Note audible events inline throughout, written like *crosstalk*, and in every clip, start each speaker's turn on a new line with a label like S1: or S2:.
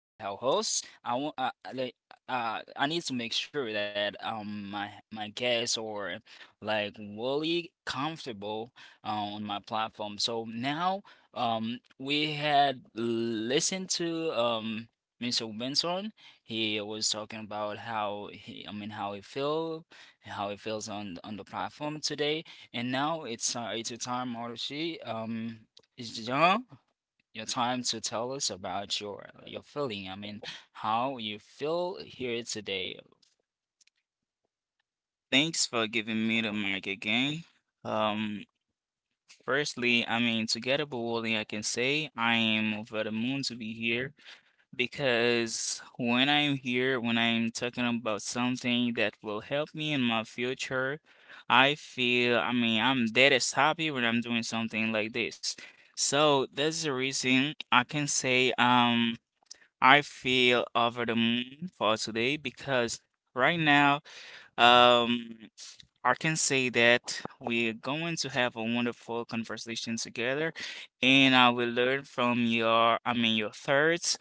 S1: our host, I want like I need to make sure that my guests or like really comfortable on my platform. So now we had listened to Mr. Benson. He was talking about how he how he feel how he feels on the platform today. And now it's a time, Marushi. Jean, your time to tell us about your feeling. I mean, how you feel here today.
S2: Thanks for giving me the mic again. Um, Firstly, I mean, together, but only I can say I am over the moon to be here because when I'm here, when I'm talking about something that will help me in my future, I feel, I mean, I'm dead as happy when I'm doing something like this. So that's the reason I can say, I feel over the moon for today because right now. Um, I can say that we're going to have a wonderful conversation together, and I will learn from your, I mean, your thoughts.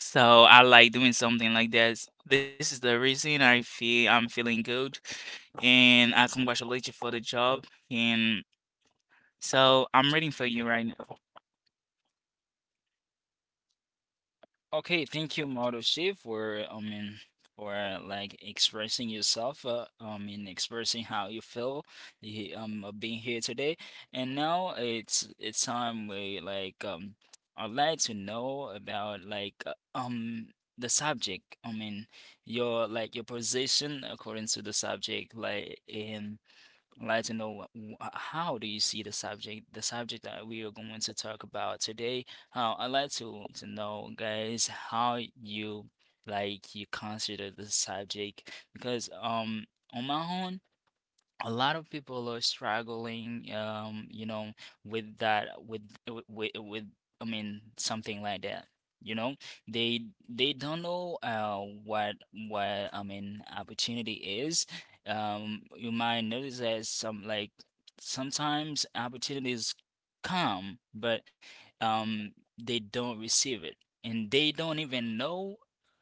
S2: So I like doing something like this. This is the reason I feel I'm feeling good, and I congratulate you for the job. And so I'm reading for you right now.
S1: Okay, thank you, Marushi, for for like expressing yourself. I mean, expressing how you feel of being here today. And now it's time we I'd like to know about like the subject. I mean, your like your position according to the subject, like in. Like to know how do you see the subject that we are going to talk about today. I'd like to know, guys, how you you consider the subject because on my own a lot of people are struggling with that with with I mean something like that, you know, they they don't know what opportunity is. Um you might notice that some like sometimes opportunities come but um they don't receive it, and they don't even know,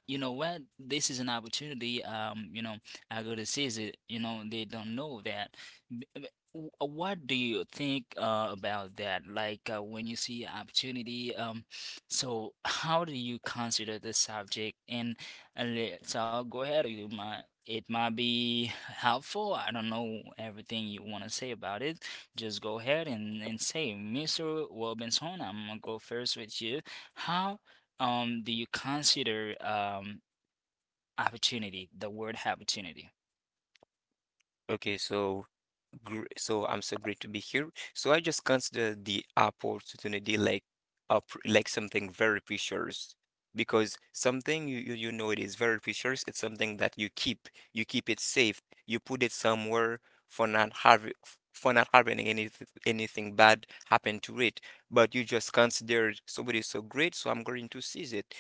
S1: you know, what this is. An opportunity, I gotta say, is it, you know? They don't know that. B- b- What do you think about that? Like when you see opportunity, so how do you consider the subject? And let's all go ahead. You might, it might be helpful. I don't know everything you want to say about it. Just go ahead and say, Mr. Robinson, I'm gonna go first with you. How do you consider opportunity, the word opportunity?
S3: Okay, so I'm so great to be here. So I just consider the opportunity like up like something very precious, because something you know it is very precious. It's something that you keep it safe. You put it somewhere for not having for not having anything bad happen to it. But you just consider somebody so great, so I'm going to seize it.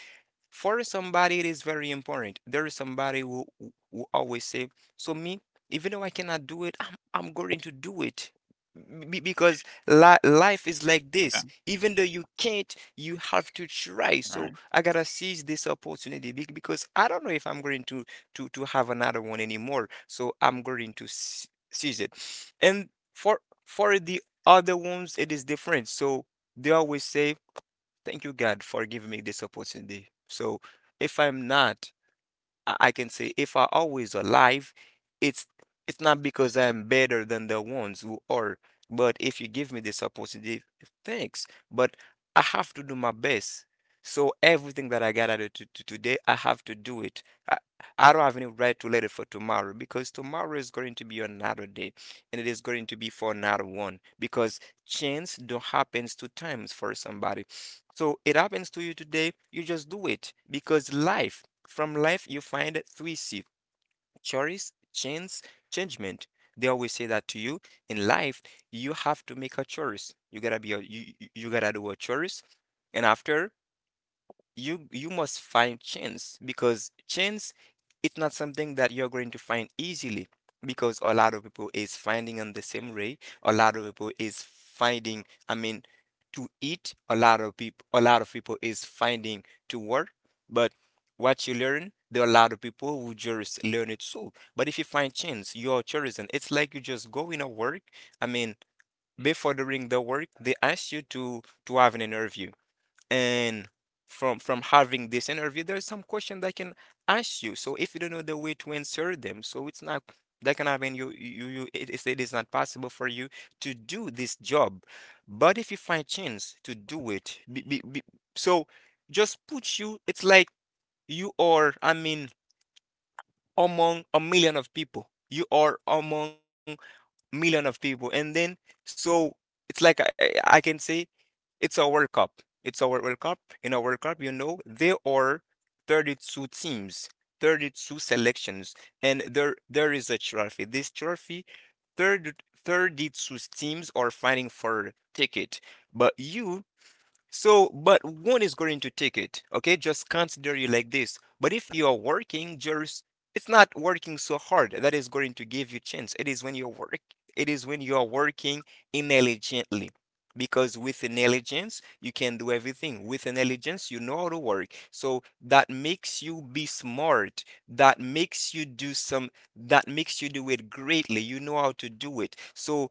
S3: For somebody it is very important. There is somebody who always say, so me, even though I cannot do it, I'm going to do it. Because life is like
S2: Yeah.
S3: this. Even though you can't, you have to try.
S2: All
S3: So
S2: right.
S3: I gotta seize this opportunity, because I don't know if I'm going to have another one anymore, so I'm going to seize it. And for the other ones it is different. So they always say, "Thank you, God, for giving me this opportunity." So if I'm not, I can say, if I always alive, it's it's not because I'm better than the ones who are. But if you give me this opportunity, thanks. But I have to do my best. So everything that I got out of to today, I have to do it. I, I don't have any right to let it for tomorrow, because tomorrow is going to be another day, and it is going to be for another one, because chance don't happens two times for somebody. So it happens to you today, you just do it, because life, from life, you find three C: choice, chance, judgment. They always say that to you. In life, you have to make a choice. You gotta be a you gotta do a choice. And after, you must find chance, because chance, it's not something that you're going to find easily, because a lot of people is finding on the same way. A lot of people is finding, I mean, to eat. A lot of people, a lot of people is finding to work. But what you learn, there are a lot of people who just learn it. So but if you find chance, you're chosen. It's like you just go in a work, I mean, before doing the work, they ask you to have an interview. And from having this interview, there's some question they can ask you. So if you don't know the way to answer them, so it's not, that can happen. It is not possible for you to do this job. But if you find chance to do it, so, just put you, it's like you are, I mean, among a million of people. You are among million of people. And then, so it's like I can say it's a World Cup. It's a World Cup. In a World Cup, you know, there are 32 teams, 32 selections, and there is a trophy. This trophy, 30 32 teams are fighting for ticket. But you, so, but one is going to take it. Okay, just consider you like this. But if you are working, just, it's not working so hard that is going to give you chance. It is when you work. It is when you are working intelligently. Because with intelligence, you can do everything. With intelligence, you know how to work. So that makes you be smart. That makes you do some, that makes you do it greatly. You know how to do it. So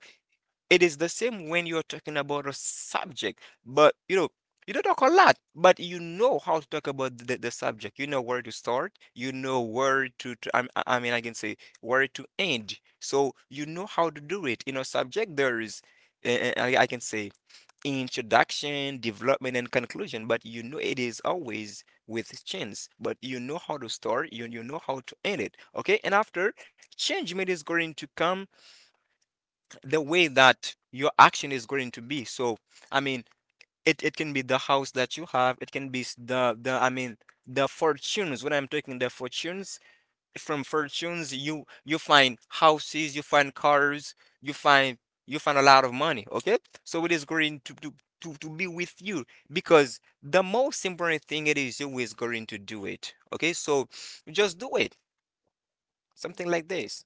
S3: it is the same when you're talking about a subject, but you know, you don't talk a lot, but you know how to talk about the subject. You know where to start, you know where to, I mean, I can say where to end. So you know how to do it. In a subject, there is, I can say, introduction, development, and conclusion, but you know it is always with change. But you know how to start, you know how to end it. Okay, and after, change made is going to come the way that your action is going to be. So, I mean, it can be the house that you have, it can be the I mean the fortunes. When I'm talking the fortunes, from fortunes you find houses, you find cars, you find you find a lot of money, okay? So it is going to be with you, because the most important thing, it is you is going to do it. Okay? So just do it. Something like this.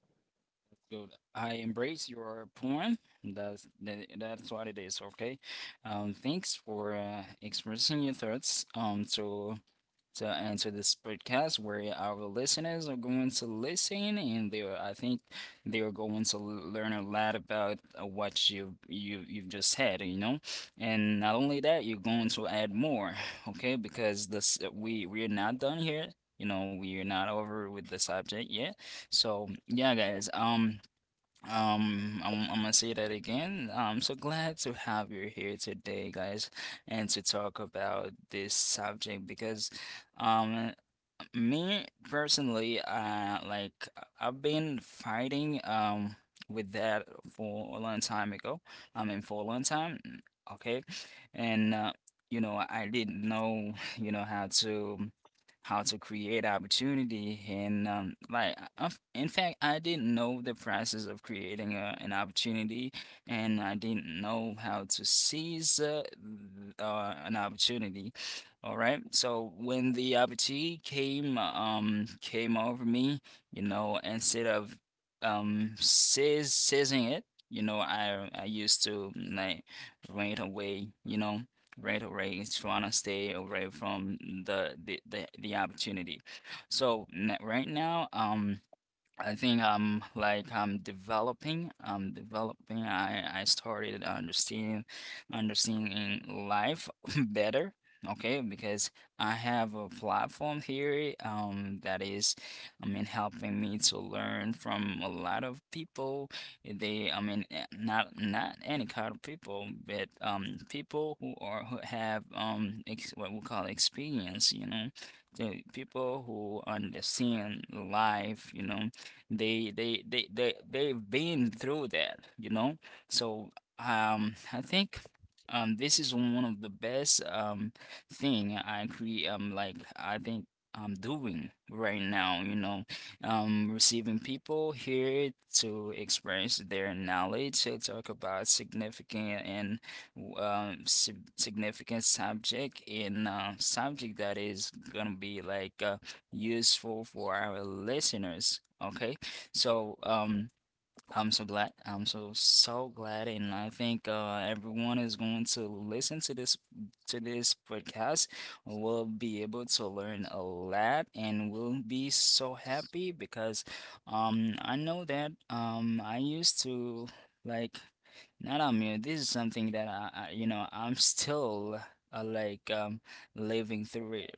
S1: Good. I embrace your point. That's that's what it is. Okay. Thanks for expressing your thoughts. So to answer this podcast where our listeners are going to listen, and they are, I think, they are going to learn a lot about what you you've just had, you know. And not only that, you're going to add more, okay? Because this we are not done here. You know, we are not over with the subject yet. So, yeah, guys. I'm gonna say that again. I'm so glad to have you here today, guys, and to talk about this subject because, um, me personally, like have been fighting with that for a long time ago. I mean, for a long time. Okay, and you know, I didn't know, *laughs* you know, how to create opportunity. And, like, I've- in fact, I didn't know the process of creating an opportunity, and I didn't know how to seize an opportunity. All right. So when the opportunity came came over me, you know, instead of seizing it, you know, I used to like run away, you know, run away, trying to stay away from the opportunity. So right now, um, I think I'm like I'm developing. I'm developing. I started understanding understanding life *laughs* better. Okay, because I have a platform here that is, I mean, helping me to learn from a lot of people. They, I mean, not any kind of people, but um, people who are who have ex- what we call experience. You know, the people who understand life. You know, they've been through that, you know. So, I think, this is one of the best thing I cre like I think I'm doing right now, you know, receiving people here to experience their knowledge, to talk about significant and significant subject in subject that is gonna be like useful for our listeners. Okay, so, I'm so glad. I'm so so glad, and I think everyone is going to listen to this podcast will be able to learn a lot and will be so happy because I know that I used to like not on me. This is something that I, you know, I'm *laughs* still like living through it,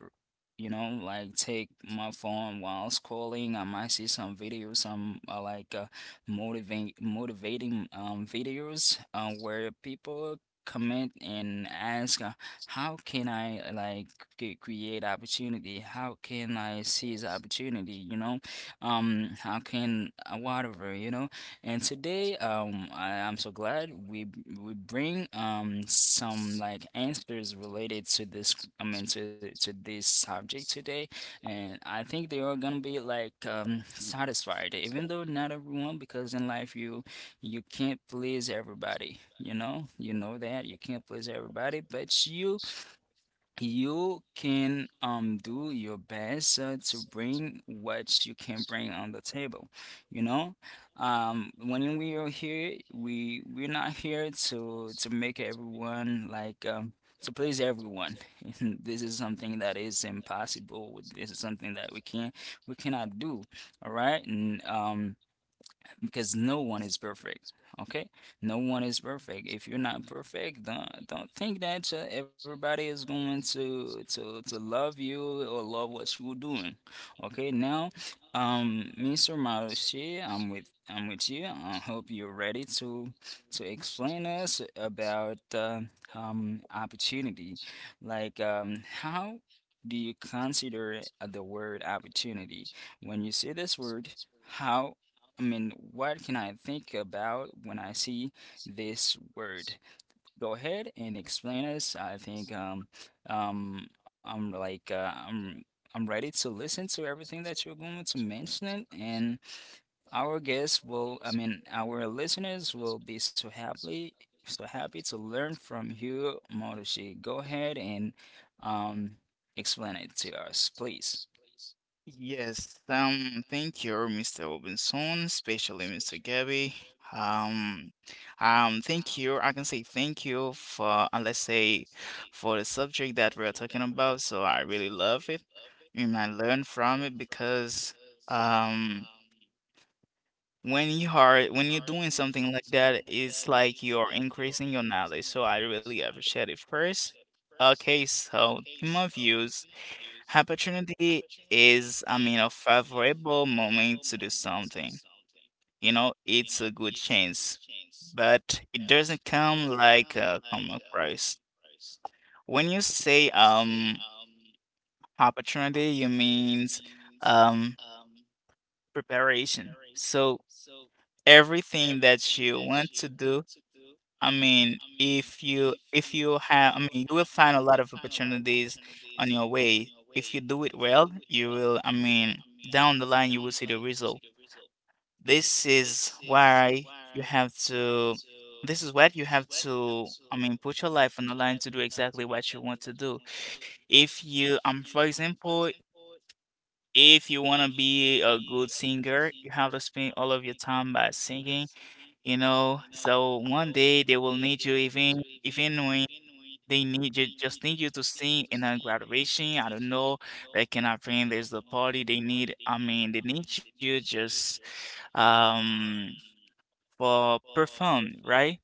S1: you know, like take my phone while scrolling I might see some videos, some like motivating motivating videos where people comment and ask how can I like create opportunity? How can I seize opportunity? You know, how can whatever, you know? And today, I'm so glad we we bring some like answers related to this. I mean, to this subject today, and I think they are gonna be like, satisfied, even though not everyone, because in life you you can't please everybody. You know that you can't please everybody, but you can do your best to bring what you can bring on the table, you know. When we are here, we're not here to make everyone like to please everyone. *laughs* This is something that is impossible. This is something that we can't we cannot do. All right, and um, because no one is perfect. Okay, no one is perfect. If you're not perfect, don't think that everybody is going to love you or love what you're doing. Okay, now, Mr. Marushi, I'm with you. I hope you're ready to explain us about opportunity, like how do you consider the word opportunity when you see this word? How, I mean, what can I think about when I see this word? Go ahead and explain us. I think I'm like I'm ready to listen to everything that you're going to mention, and our guests will, I mean, our listeners will be so happy to learn from you, Marushi. Go ahead and um explain it to us, please.
S2: Yes, thank you, Mr. Robinson, especially Mr. Gabby. Um, thank you. I can say thank you for, let's say, for the subject that we're talking about. So I really love it, and I learn from it because, um, when you're doing something like that, it's like you're increasing your knowledge. So I really appreciate it. First, okay, so in my views. Opportunity is, I mean, a favorable moment to do something. You know, it's a good chance, but it doesn't come like a common price. When you say opportunity, you means um preparation. So everything that you want to do, I mean, if you have, I mean, you will find a lot of opportunities on your way. If you do it well, you will, I mean, down the line you will see the result. This is why you have to, this is what you have to, I mean, put your life on the line to do exactly what you want to do. If you, for example, if you want to be a good singer, you have to spend all of your time by singing. So one day they will need you, even even when they need you, just need you to sing in a graduation. I don't know, they can happen. There's a party they need. I mean, they need you just um for perform, right?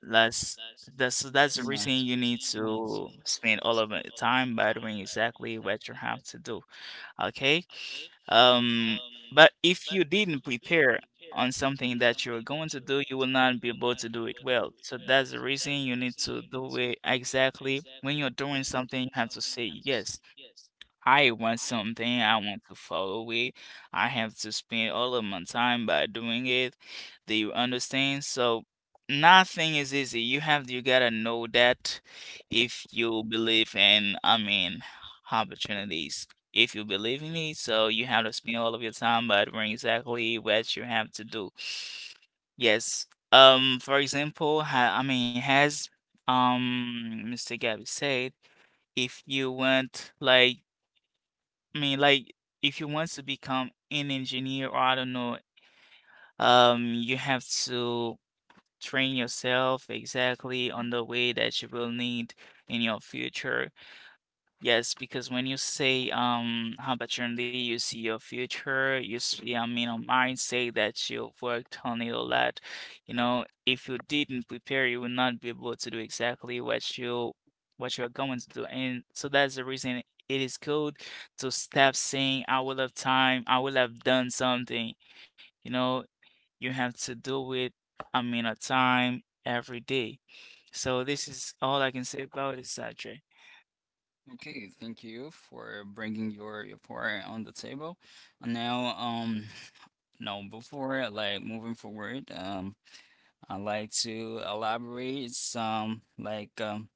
S2: That's that's the
S1: Yeah.
S2: reason you need to spend all of your time by doing exactly what you have to do. Okay? Um, but if you didn't prepare on something that you're going to do, you will not be able to do it well. So that's the reason you need to do it exactly. When you're doing something, you have to say yes. I want something I want to follow with. I have to spend all of my time by doing it. Do you understand? So nothing is easy. You gotta know that if you believe in, I mean, opportunities. If you believe in it, so you have to spend all of your time by doing exactly what you have to do. Yes. For example, ha I mean, has Mr. Gabby said if you want like I mean, like, if you want to become an engineer, or I don't know, you have to train yourself exactly on the way that you will need in your future. Yes, because when you say opportunity, you see your future, you see, I mean, a mindset that you've worked on it a lot. You know, if you didn't prepare, you will not be able to do exactly what you're going to do. And so that's the reason it is good to stop saying, I will have time, I will have done something. You know, you have to do it, I mean, a time every day. So this is all I can say about it, Sajay.
S1: Okay, thank you for bringing your part on the table. And now, now before like moving forward, I'd like to elaborate some like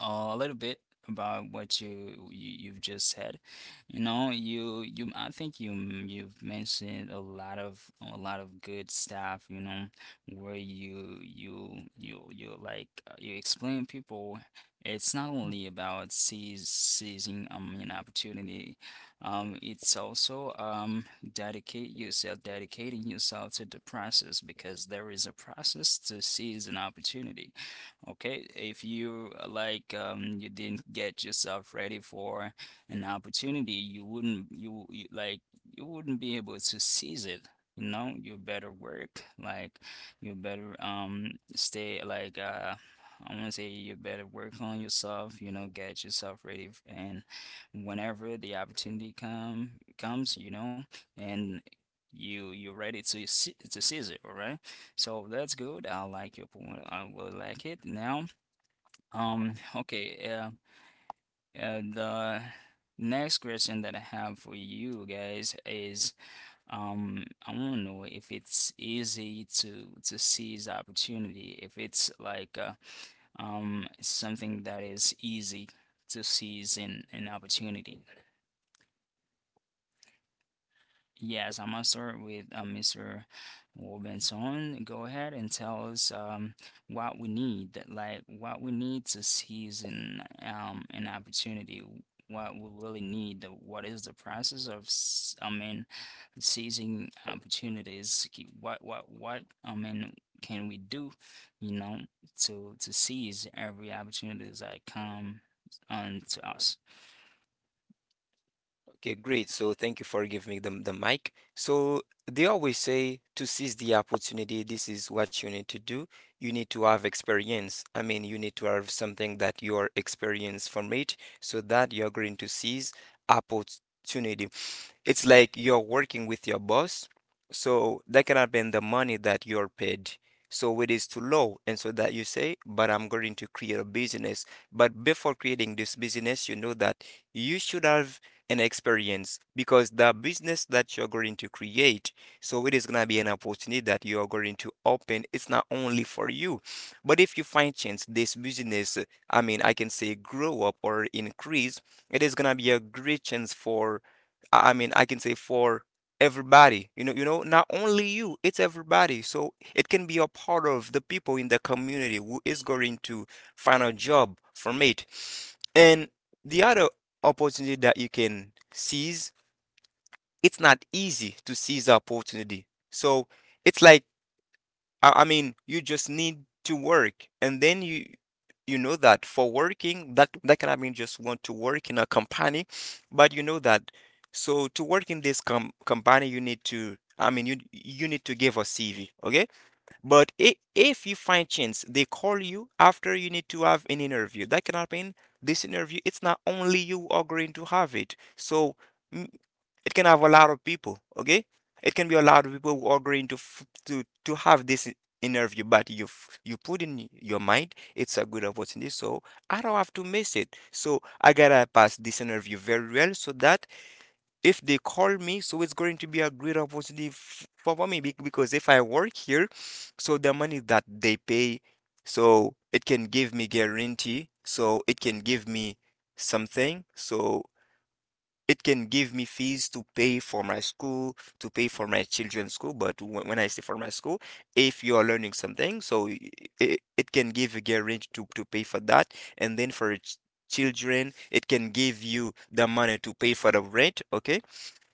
S1: a little bit about what you you've just said. You know, you, I think, you've mentioned a lot of good stuff, you know, where you like you explain people it's not only about seizing an opportunity, it's also dedicate yourself dedicating yourself to the process because there is a process to seize an opportunity. Okay, if you like you didn't get yourself ready for an opportunity, you like you wouldn't be able to seize it. You know, you better work, like you better stay like I want to say you better work on yourself, you know, get yourself ready, and whenever the opportunity comes, you know, and you you're ready to seize it, all right? So that's good. I like your point. I really like it. Now, okay, the next question that I have for you guys is, I want to know if it's easy to seize opportunity, if it's like something that is easy to seize in an opportunity. Yes, I'm gonna start with Mr. Robinson. Go ahead and tell us, what we need, like what we need to seize an opportunity. What we really need. What is the process of, I mean, seizing opportunities? What what? I mean, can we do, you know, to seize every opportunity that come onto us?
S3: Okay, great. So thank you for giving me the mic. So they always say, to seize the opportunity, this is what you need to do. You need to have experience. I mean, you need to have something that you are experienced from it, so that you're going to seize opportunity. It's like you're working with your boss, so that cannot be in the money that you're paid. So it is too low. And so that you say, but I'm going to create a business. But before creating this business, you know that you should have an experience, because the business that you're going to create, so it is going to be an opportunity that you're going to open. It's not only for you. But if you find chance this business, I mean, I can say grow up or increase, it is going to be a great chance for I mean, I can say for everybody, you know, not only you, it's everybody. So it can be a part of the people in the community who is going to find a job from it. And the other opportunity that you can seize, it's not easy to seize the opportunity. So it's like I mean, you just need to work, and then you know that for working, that can, I mean, just want to work in a company, but you know that. So to work in this company, you need to, I mean, you need to give a CV, okay? But if you find chance, they call you. After, you need to have an interview. That can happen. This interview, it's not only you agreeing to have it. So mm, it can have a lot of people. Okay, it can be a lot of people who are agreeing to to have this interview. But you you put in your mind, it's a good opportunity. So I don't have to miss it. So I gotta pass this interview very well, so that if they call me, so it's going to be a great opportunity for me, because if I work here, so the money that they pay, so it can give me guarantee, so it can give me something, so it can give me fees to pay for my school, to pay for my children's school. But when I say for my school, if you are learning something, so it can give a guarantee to pay for that. And then for children, it can give you the money to pay for the rent. Okay.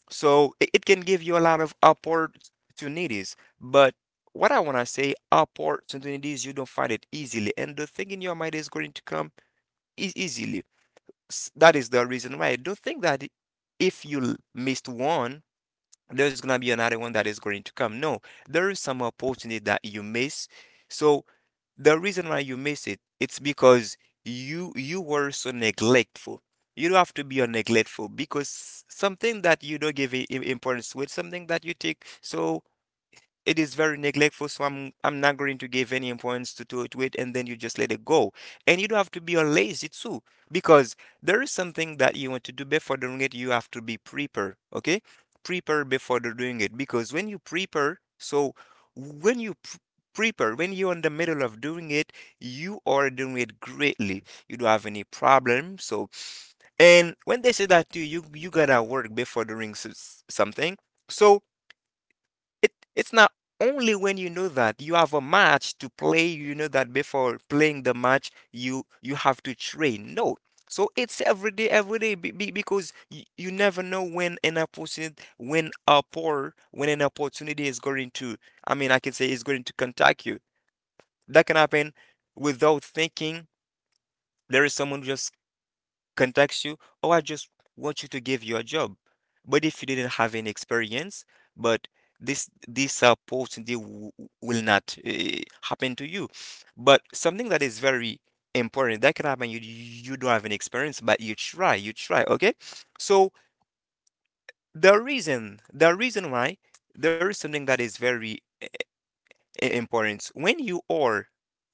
S3: So it can give you a lot of opportunities. But what I want to say, opportunities, you don't find it easily. And the thing in your mind is going to come is easily. That is the reason why I don't think that if you missed one, there's gonna be another one that is going to come. No, there is some opportunity that you miss. So the reason why you miss it, it's because you were so neglectful. You don't have to be a neglectful, because something that you don't give importance with, something that you take, so it is very neglectful, so i'm not going to give any importance to it, and then you just let it go. And you don't have to be all lazy too, because there is something that you want to do. Before doing it, you have to be prepared. Okay, prepare before doing it, because when you prepare, so when you prepare, when you're in the middle of doing it, you are doing it greatly. You don't have any problem. So and when they say that to you, you gotta work before doing something. So it it's not only when you know that you have a match to play. You know that before playing the match, you have to train. No. So it's every day, every day, because you never know when an opportunity, when a poor, when an opportunity is going to, I mean, I can say is going to contact you. That can happen without thinking. There is someone who just contacts you, "Oh, I just want you to give you a job." But if you didn't have any experience, but this post will not happen to you. But something that is very important that can happen. You don't have any experience, but you try, you try. Okay, so the reason why there is something that is very importance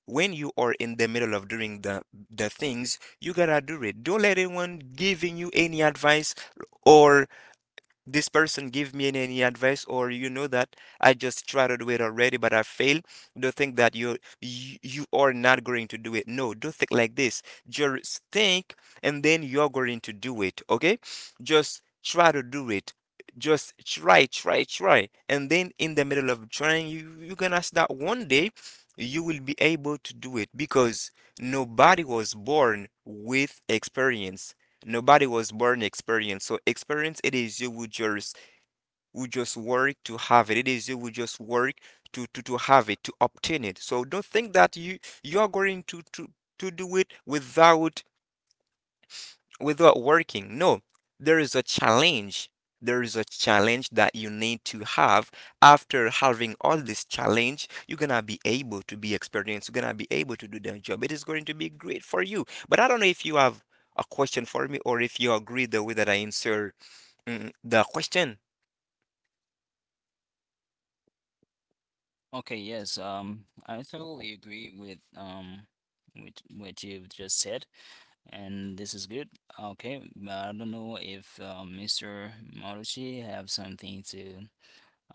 S3: when you are in the middle of doing the things you gotta do it, don't let anyone giving you any advice, or this person give me any advice, or you know that I just tried to do it already but I failed, don't think that you are not going to do it. No, don't think like this. Just think and then you're going to do it, okay? Just try to do it. Just try, try, try. And then in the middle of trying, you're gonna start one day you will be able to do it because nobody was born with experience. Nobody was born experienced. So experience, it is you who just work to have it. It is you who just work to have it, to obtain it. So don't think that you are going to to do it without without working. No, there is a challenge. There is a challenge that you need to have. After having all this challenge, you're gonna be able to be experienced. You're gonna be able to do that job. It is going to be great for you. But I don't know if you have a question for me or if you agree the way that I answer the question.
S1: Okay, yes, I totally agree with what you've just said, and this is good. Okay, but I don't know if, Mr. Marucci have something to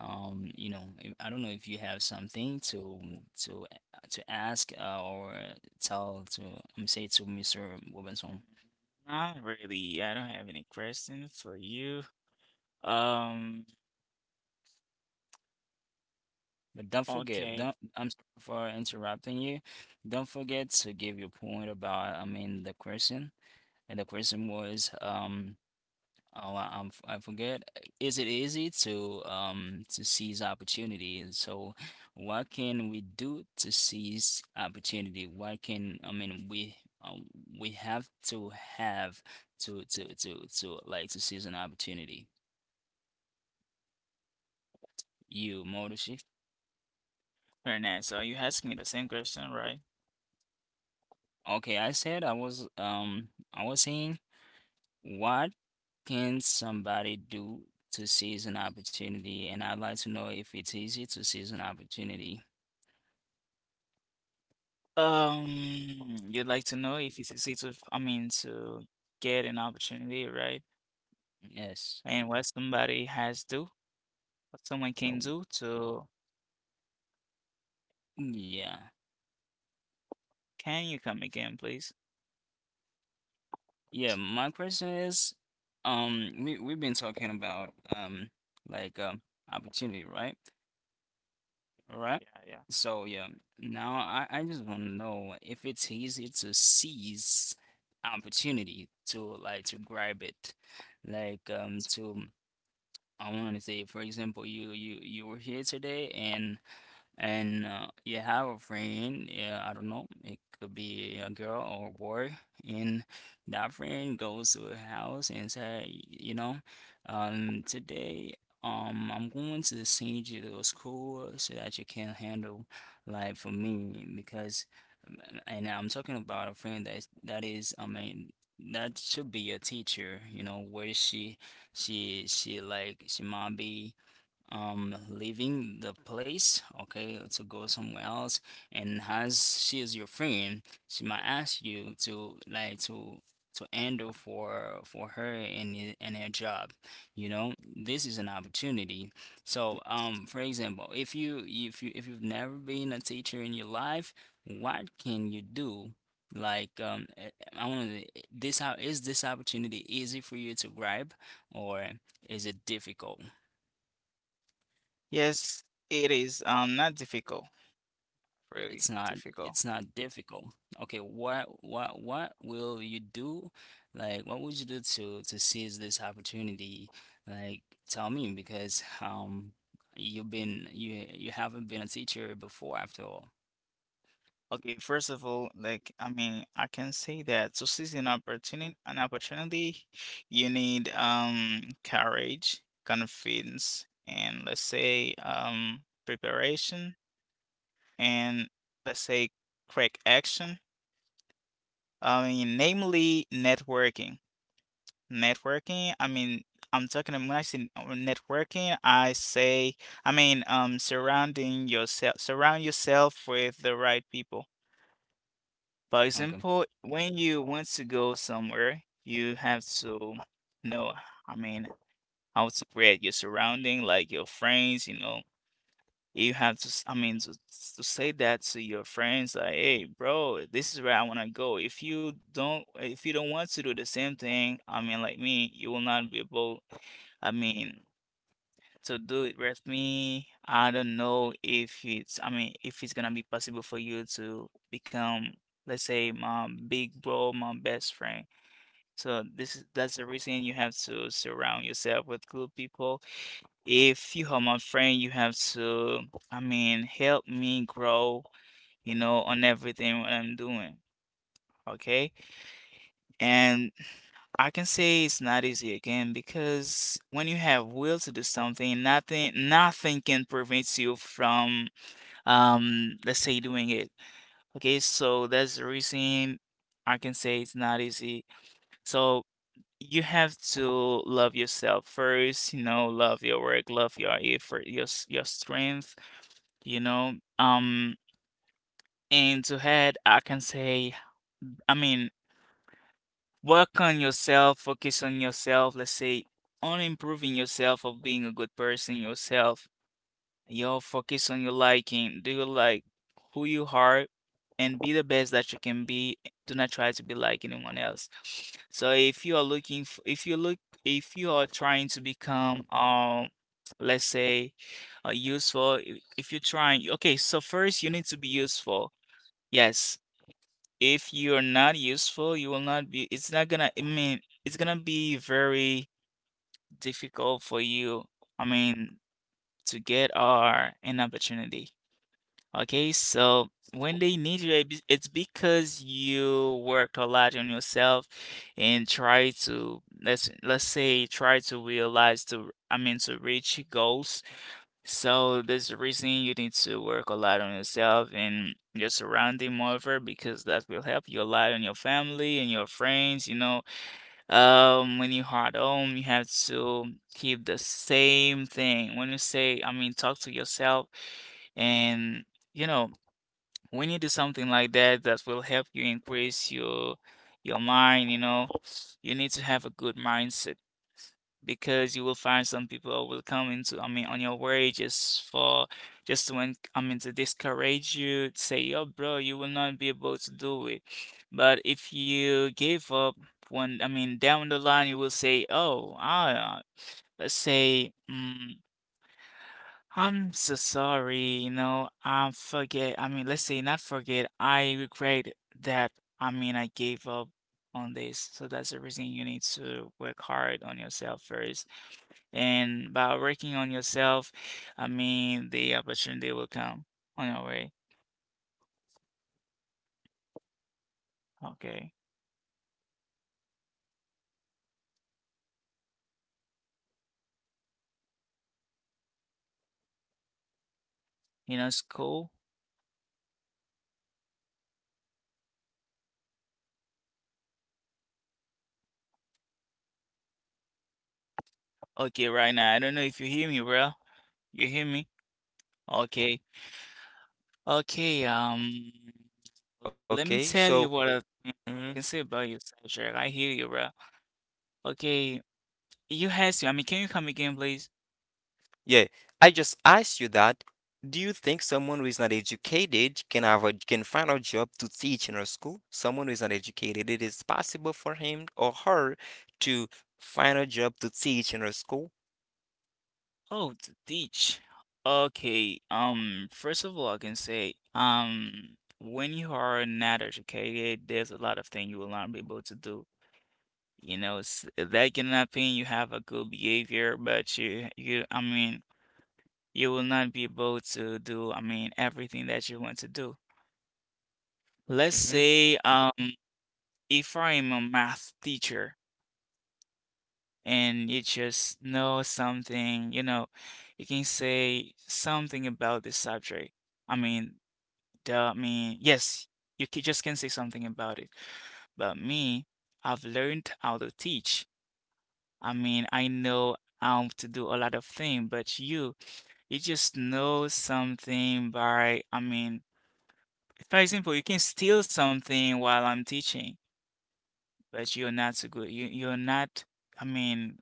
S1: you know, I don't know if you have something to to ask or tell to, say to Mr. Robinson.
S2: Mm, Not really. I don't have any questions for you. Um,
S1: But don't forget,
S2: okay,
S1: don't I'm sorry for interrupting you. Don't forget to give your point about, I mean, the question, and the question was. Oh, I forget. Is it easy to seize opportunity? So, what can we do to seize opportunity? What can, I mean, um, we have to have to like to seize an opportunity. You, Motoshi.
S2: very nice. So you asked me the same question, right?
S1: Okay, I said I was saying what can somebody do to seize an opportunity? And I'd like to know if it's easy to seize an opportunity.
S2: You'd like to know if you succeed to, I mean, to get an opportunity, right? And
S1: Yes.
S2: what somebody has to, what someone can do
S1: No.
S2: to,
S1: Yeah.
S2: can you come again, please?
S1: Yeah, my question is, we we've been talking about like opportunity, right? All right.
S2: Yeah, yeah.
S1: So yeah, now I just want to know if it's easy to seize opportunity to like to grab it. Like to I want to say, for example, you were here today and and you have a friend, yeah, I don't know, it could be a girl or a boy, and that friend goes to a house and say, today, I'm going to send you to school so that you can handle life for me because, um, and I'm talking about a friend that is, I mean. That should be a teacher, you know, where she like, she might be, leaving the place, okay, to go somewhere else, and as she is your friend, she might ask you to like to handle for her and her job. You know, this is an opportunity. So for example, if you've never been a teacher in your life, what can you do, like I want to this how is this opportunity easy for you to grab, or is it difficult?
S2: Yes, it is not difficult, really
S1: It's
S2: difficult.
S1: not difficult. Okay, what will you do? Like, what would you do to seize this opportunity? Like, tell me because you you haven't been a teacher before after all.
S2: Okay, first of all, like I mean, I can say that to seize an opportunity, you need courage, confidence, and let's say preparation, and let's say quick action. I mean, namely networking. Networking. I mean, I'm talking when I say networking, I say I mean surrounding yourself, surround yourself with the right people. For
S1: Okay.
S2: example, when you want to go somewhere, you have to know, I mean, how to create your surrounding, like your friends, you know. You have to, I mean, to say that to your friends, like, hey, bro, this is where I want to go. If you don't want to do the same thing, I mean, like me, you will not be able, I mean, to do it with me. I don't know if it's, I mean, if it's gonna be possible for you to become, let's say, my big bro, my best friend. So this is that's the reason you have to surround yourself with good people. If you are my friend, you have to, I mean, help me grow, you know, on everything what I'm doing. Okay. And I can say it's not easy again because when you have will to do something, nothing can prevent you from let's say doing it. Okay, so that's the reason I can say it's not easy. So you have to love yourself first, you know, love your work, love your effort, your strength, you know. Um and to head I can say I mean work on yourself, focus on yourself, let's say on improving yourself of being a good person yourself. Yo, focus on your liking. Do you like who you are and be the best that you can be. Do not try to be like anyone else. So if you are looking f if you look if you are trying to become let's say useful, if you're trying, okay, so first you need to be useful. Yes, if you are not useful, you will not be, it's not gonna, I mean, it's gonna be very difficult for you, I mean, to get or an opportunity. Okay, so when they need you, it's because you worked a lot on yourself and try to let's say try to realize to I mean to reach goals, so there's a reason you need to work a lot on yourself and your surrounding moreover because that will help you a lot on your family and your friends, you know. When you are at home, you have to keep the same thing. When you say, I mean, talk to yourself and you know when you do something like that, that will help you increase your mind, you know, you need to have a good mindset because you will find some people will come into, I mean, on your way just to, I mean, to discourage you, say, yo, bro, you will not be able to do it. But if you give up, when, I mean, down the line, you will say, oh, ah, let's say, I'm so sorry, you know, I forget. I mean, let's say not forget. I regret that. I mean, I gave up on this. So that's the reason you need to work hard on yourself first. And by working on yourself, I mean, the opportunity will come on your way. Okay. You know, it's cool. Okay, right now, I don't know if you hear me, bro. You hear me? Okay. Okay, let me
S3: Okay,
S2: tell
S3: so.
S2: you what I
S3: Mm,
S2: can say about you, Cedric. I hear you, bro. Okay, you had to. I mean, can you come again, please?
S3: yeah, I just asked you that. Do you think someone who is not educated can have a, can find a job to teach in a school? Someone who is not educated, it is possible for him or her to find a job to teach in a school?
S2: Oh, to teach. Okay. First of all, I can say, when you are not educated, there's a lot of things you will not be able to do. You know, s that can happen. You have a good behavior, but I mean, you will not be able to do, I mean, everything that you want to do. Let's
S3: Mm-hmm.
S2: say, if I'm a math teacher, and you just know something, you know, you can say something about this subject. I mean, I mean, yes, you just can say something about it. But me, I've learned how to teach. I mean, I know how to do a lot of things, but you just know something by, I mean, for example, you can steal something while I'm teaching, but you're not so good. You're not, I mean,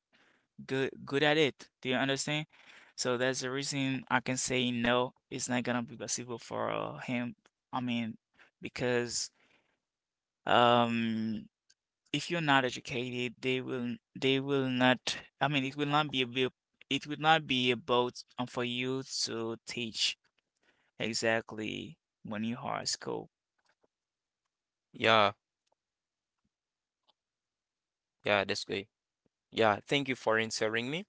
S2: good at it. Do you understand? So that's the reason I can say no. It's not gonna be possible for him. I mean, because um, if you're not educated, they will not. I mean, it will not be it will not be about for you to teach exactly when you are at school.
S3: Yeah, yeah, that's great. Yeah, thank you for answering me.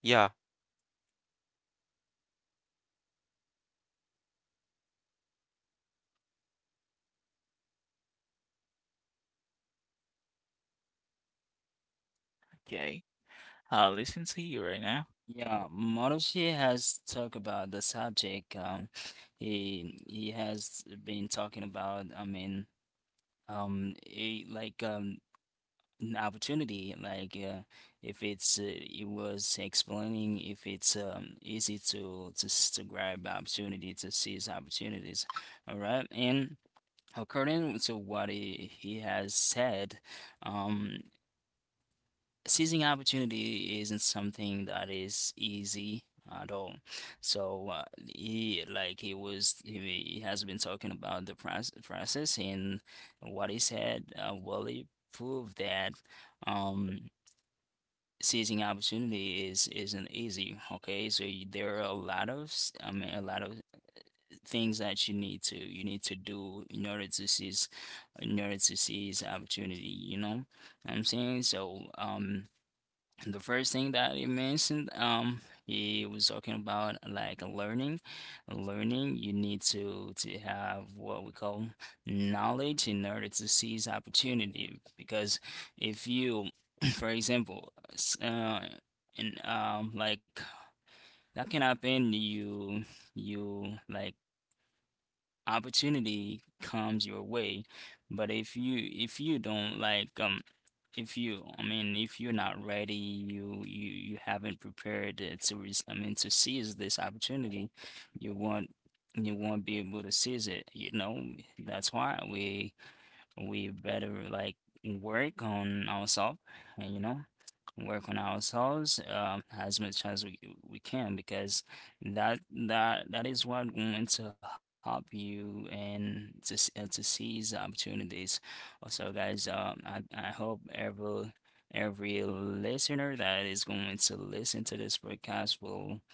S3: Yeah,
S2: Okay, I'll listen to you right now.
S1: Yeah, Marushi has talked about the subject. He has been talking about. I mean, he, like an opportunity like if it's it was explaining if it's easy to, to grab opportunity, to seize opportunities. All right, and according to what he has said, um, seizing opportunity isn't something that is easy at all. So he like he was he has been talking about the process, and what he said, he proved that um seizing opportunity is isn't easy. Okay, so you, there are a lot of a lot of things that you need to, you need to do in order to seize, in order to seize opportunity. You know what I'm saying? So and the first thing that he mentioned, he was talking about like learning. Learning, you need to have what we call knowledge in order to seize opportunity. Because if you, *clears throat* for example, s- and like, that can happen. You like opportunity comes your way, but if you, don't like if you, if you're not ready, you haven't prepared it to to seize this opportunity, you won't, you won't be able to seize it, you know. That's why we better like work on ourselves. And you know, work on ourselves as much as we can because that is what going to help you and to to seize opportunities. Also, guys, I hope every listener that is going to listen to this podcast will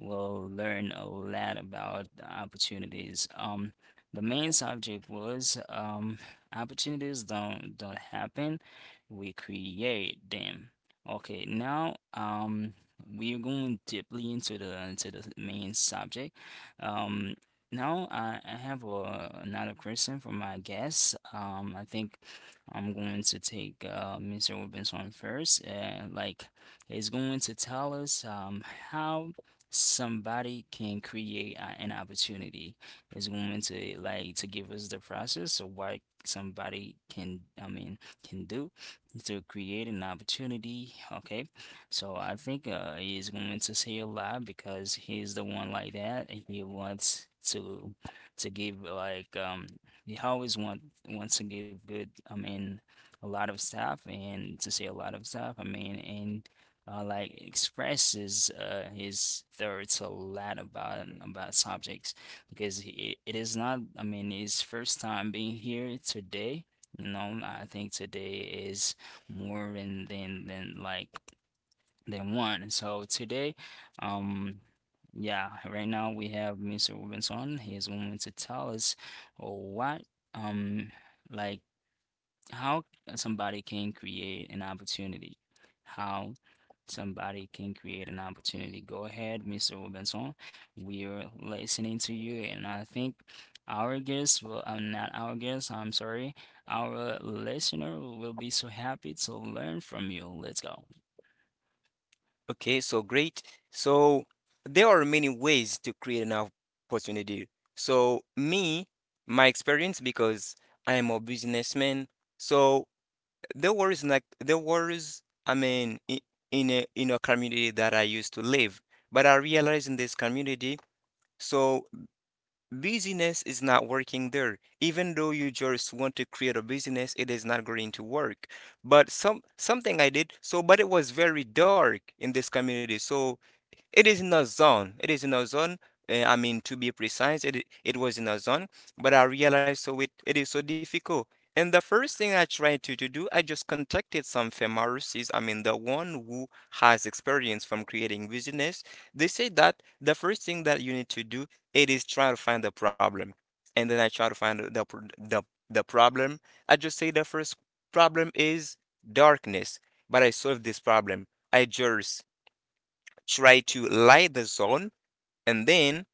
S1: will learn a lot about the opportunities. The main subject was, opportunities don't happen, we create them. Okay, now we are going deeply into the, into the main subject. Um, now I have another question for my guest. I think I'm going to take Mr. Robinson first. Like, he's going to tell us, how somebody can create an opportunity, is going to like to give us the process of what somebody can, I mean, can do to create an opportunity. Okay, so I think he's going to say a lot because he's the one, like, that he wants to give like he always wants to give good, I mean, a lot of stuff, and to say a lot of stuff, I mean, and like, expresses his thoughts a lot about subjects because he, it is not, I mean, his first time being here today. You know, I think today is more than, like, than one. So today, um, yeah, right now we have Mr. Robinson. He's going to tell us what, um like, how somebody can create an opportunity. How somebody can create an opportunity. Go ahead, Mr. Robinson. We are listening to you, and I think our guest will, not our guest, I'm sorry, our listener will be so happy to learn from you. Let's go.
S3: okay, so great. So there are many ways to create an opportunity. So me, my experience, because I am a businessman, so. There was like there was I mean in a community that I used to live, but I realized in this community, so business is not working there. Even though you just want to create a business, it is not going to work. But some something I did, so but it was very dark in this community. So it is in a zone. It is in a zone. I mean, to be precise, it was in a zone, but I realized so it is so difficult. And the first thing I tried to do, I just contacted some pharmacists. I mean, the one who has experience from creating business. They say that the first thing that you need to do, it is try to find the problem. And then I try to find the, the problem. I just say the first problem is darkness, but I solved this problem. I just try to light the zone, and then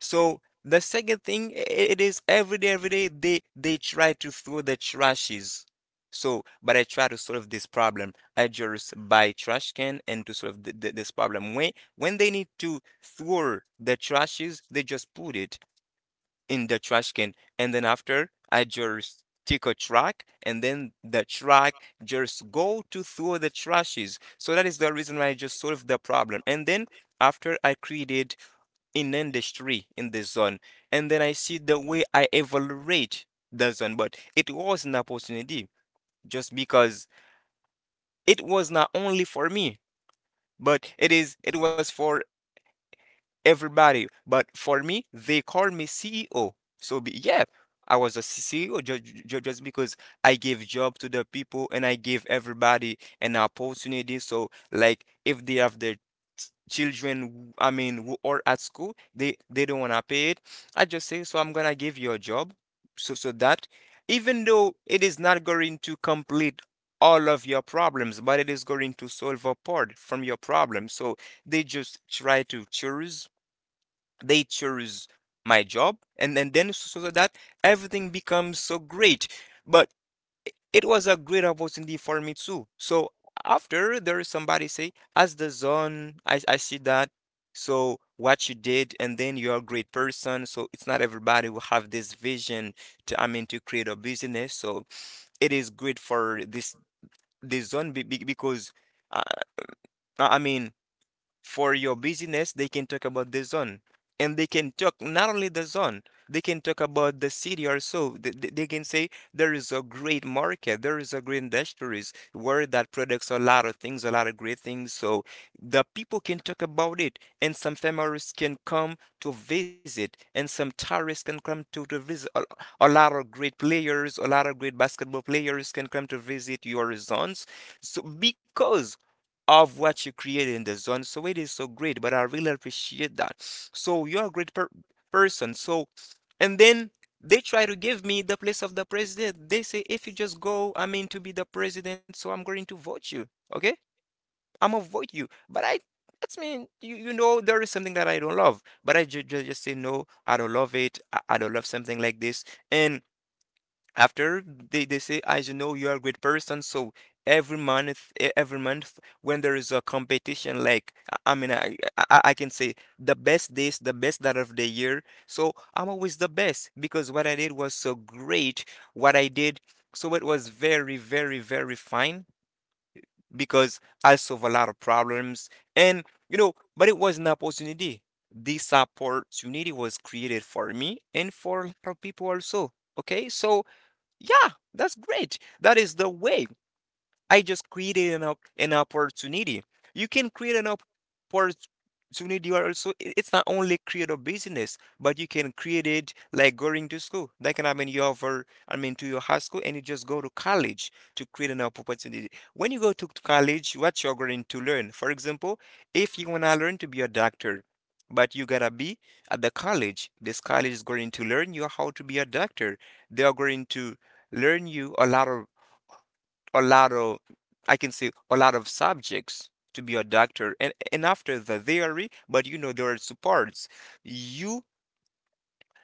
S3: so the second thing it is every day they try to throw the trashes. So but I try to solve this problem. I just buy trash can and to solve this problem. When they need to throw the trashes, they just put it in the trash can. And then after, I just take a track and then the track just go to throw the trashes. So that is the reason why I just solved the problem. And then after, I created an industry in the zone, and then I see the way I evaluate the zone, but it was an opportunity just because it was not only for me, but it was for everybody. But for me, they called me CEO. So be, yeah, I was a CEO just because I gave job to the people and I gave everybody an opportunity. So like if they have their children, I mean, who are at school, they don't wanna pay it. I just say, so I'm gonna give you a job, so so that even though it is not going to complete all of your problems, but it is going to solve a part from your problem. So they just try to choose they choose my job, and then so so that everything becomes so great. But it was a great opportunity for me too. So after, there is somebody say as the zone, I see that so what you did, and then you're a great person. So it's not everybody will have this vision to I mean to create a business. So it is great for this zone, because uh, I mean, for your business they can talk about the zone, and they can talk not only the zone, they can talk about the city also. They can say there is a great market, there is a great industries where that products a lot of things, a lot of great things. So the people can talk about it, and some families can come to visit, and some tourists can come to visit a lot of great players, a lot of great basketball players can come to visit your zones. So because of what you created in the zone. So it is so great, but I really appreciate that. So you're a person. So, and then they try to give me the place of the president. They say, if you just go, I mean, to be the president, so I'm going to vote you. Okay? I'm gonna vote you. That's mean, you know, there is something that I don't love. But I just say, no, I don't love it. I don't love something like this. And after they say as you know you are a great person. So every month, every month when there is a competition, like I mean I can say the best this the best that of the year, so I'm always the best because what I did was so great, what I did. So it was very, very, very fine because I solve a lot of problems. And you know, but it was an opportunity. This opportunity was created for me and for a lot of people also. Okay, so yeah, that's great. That is the way I just created an, an opportunity. You can create an opportunity, or also it's not only create a business, but you can create it like going to school. That can happen you over, I mean, to your high school, and you just go to college to create an opportunity. When you go to college, what you're going to learn. For example, if you wanna learn to be a doctor, but you gotta be at the college. This college is going to learn you how to be a doctor. They are going to learn you a lot of I can say a lot of subjects to be a doctor, and after the theory, but you know there are supports. you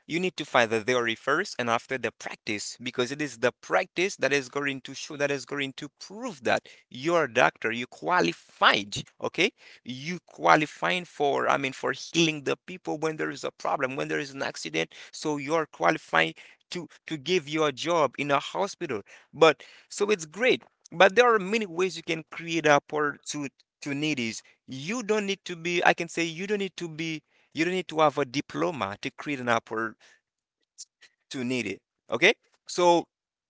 S3: you need to find the theory first and after the practice, because it is the practice that is going to show, that is going to prove that you're a doctor, you qualified, okay? You qualifying for, I mean, for healing the people when there is a problem, when there is an accident. So you're qualifying to give you a job in a hospital. But so it's great. But there are many ways you can create opportunities. You don't need to be, I can say you don't need to have a diploma to create an oppor to need it. Okay, so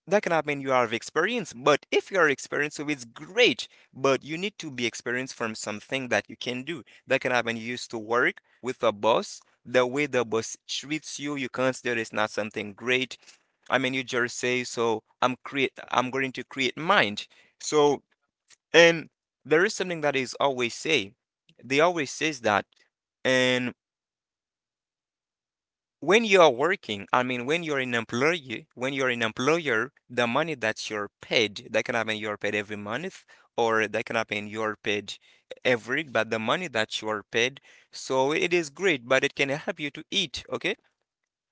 S3: that cannot mean you are experienced, but if you are experienced, so it's great. But you need to be experienced from something that you can do. That cannot mean you used to work with a boss. The way the boss treats you, you consider it's not something great. I mean, you just say, so I'm going to create mine. So, and there is something that is always say. They always says that, and when you are working, I mean, when you're an employee, when you're an employer, the money that you're paid, that can happen you're paid every month, or that can happen you're paid every, but the money that you're paid, so it is great, but it can help you to eat, okay?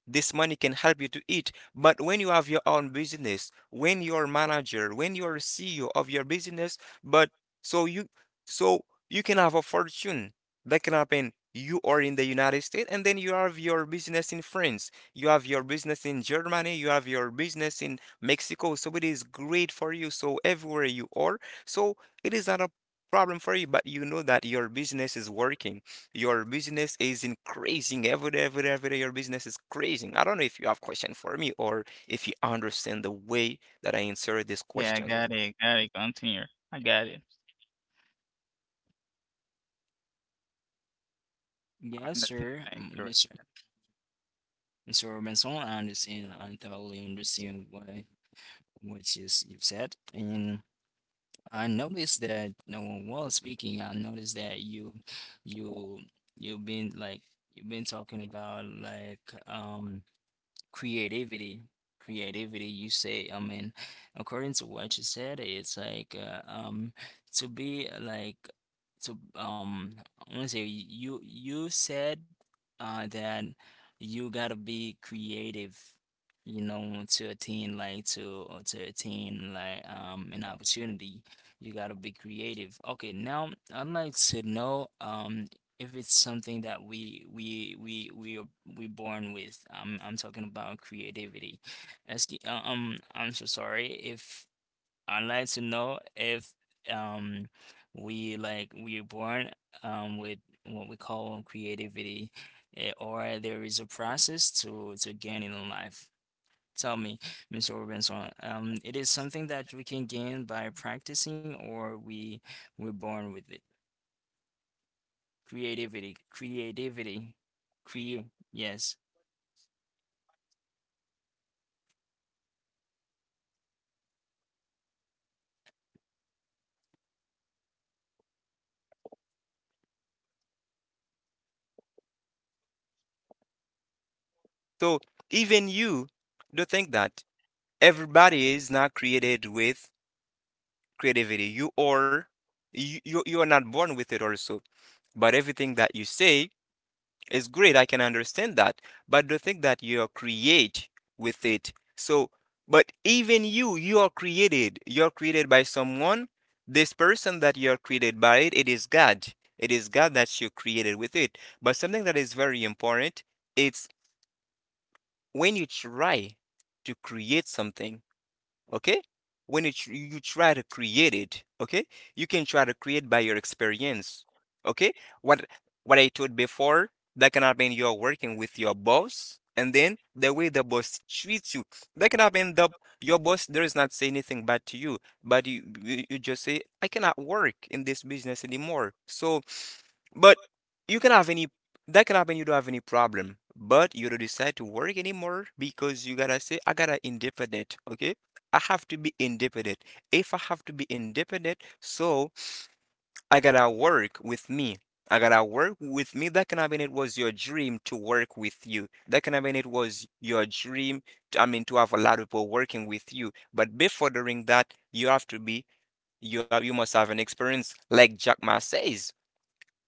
S3: This money can help you to eat. But when you have your own business, when you're manager, when you're CEO of your business, but so you so you can have a fortune that can happen. You are in the United States, and then you have your business in France. You have your business in Germany. You have your business in Mexico. So it is great for you. So everywhere you are, so it is not a problem for you, but you know that your business is working. Your business is increasing every day, every day, every day. Your business is increasing. I don't know if you have question for me or if you understand the way that I answered this
S2: Yeah, I
S3: question.
S2: got it, got it. Continue. I got it. I
S1: Yes,
S2: understand.
S1: sir.
S2: I
S1: M-
S2: agree
S1: Miss-
S2: with
S1: Mr. Robinson, I understand. I totally understand what you you've said, and I noticed that no one was speaking. I noticed that you, you've been like, you've been talking about like um creativity, creativity, you say, I mean, according to what you said, it's like, to be like, to I want to say, you, you said that you gotta be creative, you know, to attain, like to, or to attain like an opportunity. You gotta be creative. Okay, now I'd like to know, if it's something that we are, we born with. I'm, talking about creativity. I'm so sorry. If, I'd like to know if um we, like, we are born with what we call creativity, or there is a process to gain in life. Tell me, Mr. Robinson, it is something that we can gain by practicing, or we, we're born with it. Creativity, creativity, cre yes.
S3: So even you don't think that everybody is not created with creativity. You are you are not born with it also. But everything that you say, it's great, I can understand that, but the thing that you create with it. So, but even you, you are created. You're created by someone. This person that you're created by it, it is God. It is God that you created with it. But something that is very important, it's when you try to create something, okay, when you try to create it, okay, you can try to create by your experience, okay. what what I told before, that can happen you're working with your boss, and then the way the boss treats you, that can happen the your boss there is not say anything bad to you, but you just say I cannot work in this business anymore. So but you can have any, that can happen, you don't have any problem. But you don't decide to work anymore because you gotta say, I gotta independent, okay? I have to be independent. If I have to be independent, so I gotta work with me. I gotta work with me. That can happen it was your dream to work with you. That can happen it was your dream to, I mean, to have a lot of people working with you. But before doing that, you have to be, you have, you must have an experience like Jack Ma says.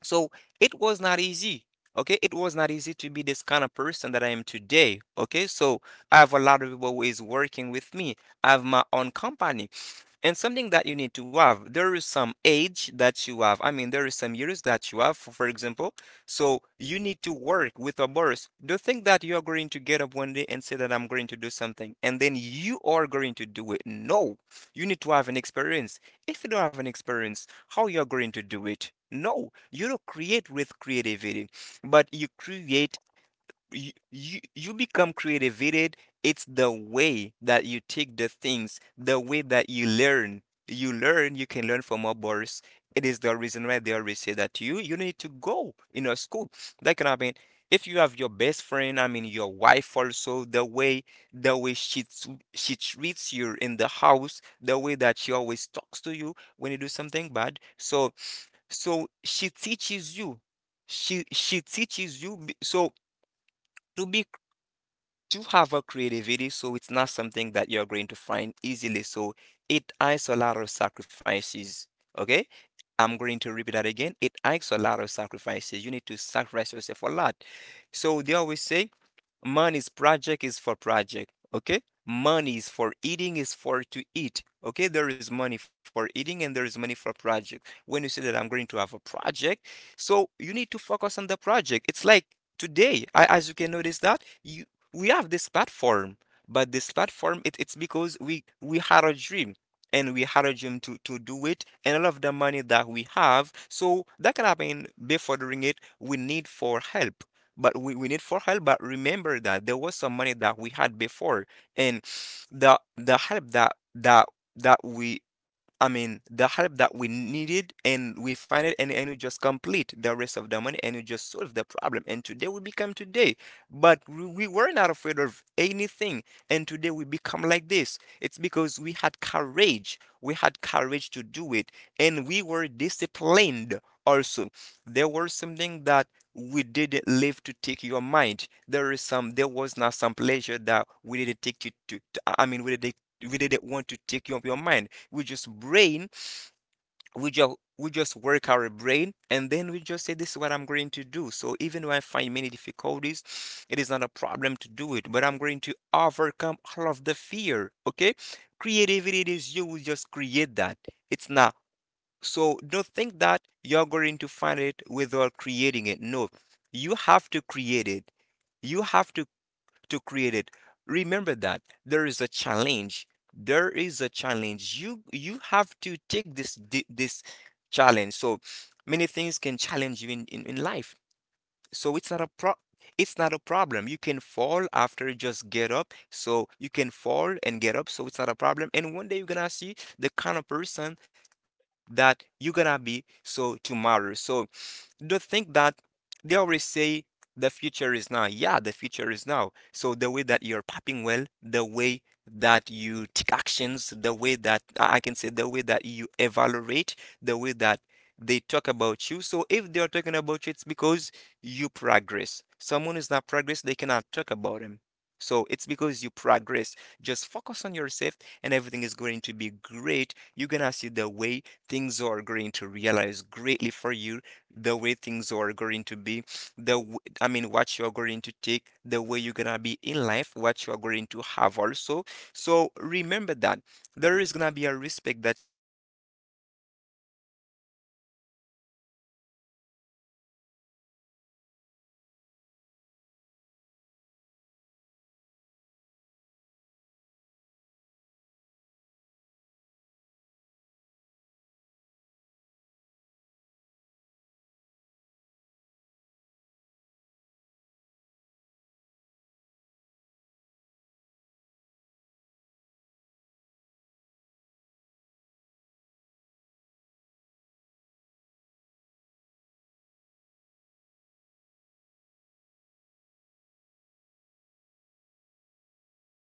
S3: So it was not easy. Okay, it was not easy to be this kind of person that I am today. Okay, so I have a lot of people who is working with me. I have my own company. And something that you need to have, there is some age that you have. I mean, there is some years that you have, for example. So you need to work with a boss. Don't think that you are going to get up one day and say that I'm going to do something, and then you are going to do it. No, you need to have an experience. If you don't have an experience, how you are going to do it? No, you don't create with creativity, but you create, you, you become creative it. It's the way that you take the things, the way that you learn. You learn, you can learn from others. It is the reason why they always say that you need to go in a school. That can happen. If you have your best friend, I mean your wife also, the way she treats you in the house, the way that she always talks to you when you do something bad. So so she teaches you. She teaches you. So to be do have a creativity, so it's not something that you're going to find easily. So it asks a lot of sacrifices. Okay? I'm going to repeat that again. It asks a lot of sacrifices. You need to sacrifice yourself a lot. So they always say money's project is for project. Okay? Money is for eating, is for to eat. Okay, there is money for eating and there is money for project. When you say that I'm going to have a project, so you need to focus on the project. It's like today, I, as you can notice that you, we have this platform, but this platform it, it's because we had a dream, and we had a dream to do it, and all of the money that we have, so that can happen, before doing it we need for help. But we need for help, but remember that there was some money that we had before. And the help that we, I mean the help that we needed, and we find it, and we just complete the rest of the money, and we just solve the problem, and today we become today. But we were not afraid of anything. And today we become like this. It's because we had courage. We had courage to do it. And we were disciplined also. There was something that we didn't live to take your mind. There is some, there was not some pleasure that we didn't take I mean, we didn't want to take your mind. We just brain, we just work our brain, and then we just say this is what I'm going to do. So even when I find many difficulties, it is not a problem to do it, but I'm going to overcome all of the fear, okay? Creativity is you will just create that. It's not, so don't think that you're going to find it without creating it. No, you have to create it, you have to create it. Remember that there is a challenge. There is a challenge. You have to take this this challenge. So many things can challenge you in life. So it's not a pro it's not a problem. You can fall, after you just get up. So you can fall and get up. So it's not a problem. And one day you're gonna see the kind of person that you're gonna be so tomorrow. So don't think that, they always say the future is now. Yeah, the future is now. So the way that you're popping well, the way that you take actions, the way that, I can say the way that you evaluate, the way that they talk about you. So if they are talking about you, it's because you progress. Someone is not progress, they cannot talk about him. So it's because you progress. Just focus on yourself and everything is going to be great. You're gonna see the way things are going to realize greatly for you, the way things are going to be, I mean, what you're going to take, the way you're gonna be in life, what you're going to have also. So remember that there is gonna be a respect that you're going to find. It's because you have money. It's not a lot. It is not a lot of people we can find respectful. So it's not a lot of people we can find respectful by, you know, by I can say, but by, by being educated. There is are respectful that you find, it's because you are working, it's because you're making progress, okay? There is interest, and there is respect, okay? You have to be able to differentiate the one we give your respect and the one who just want to be your friend. It's great
S2: that. Mhm.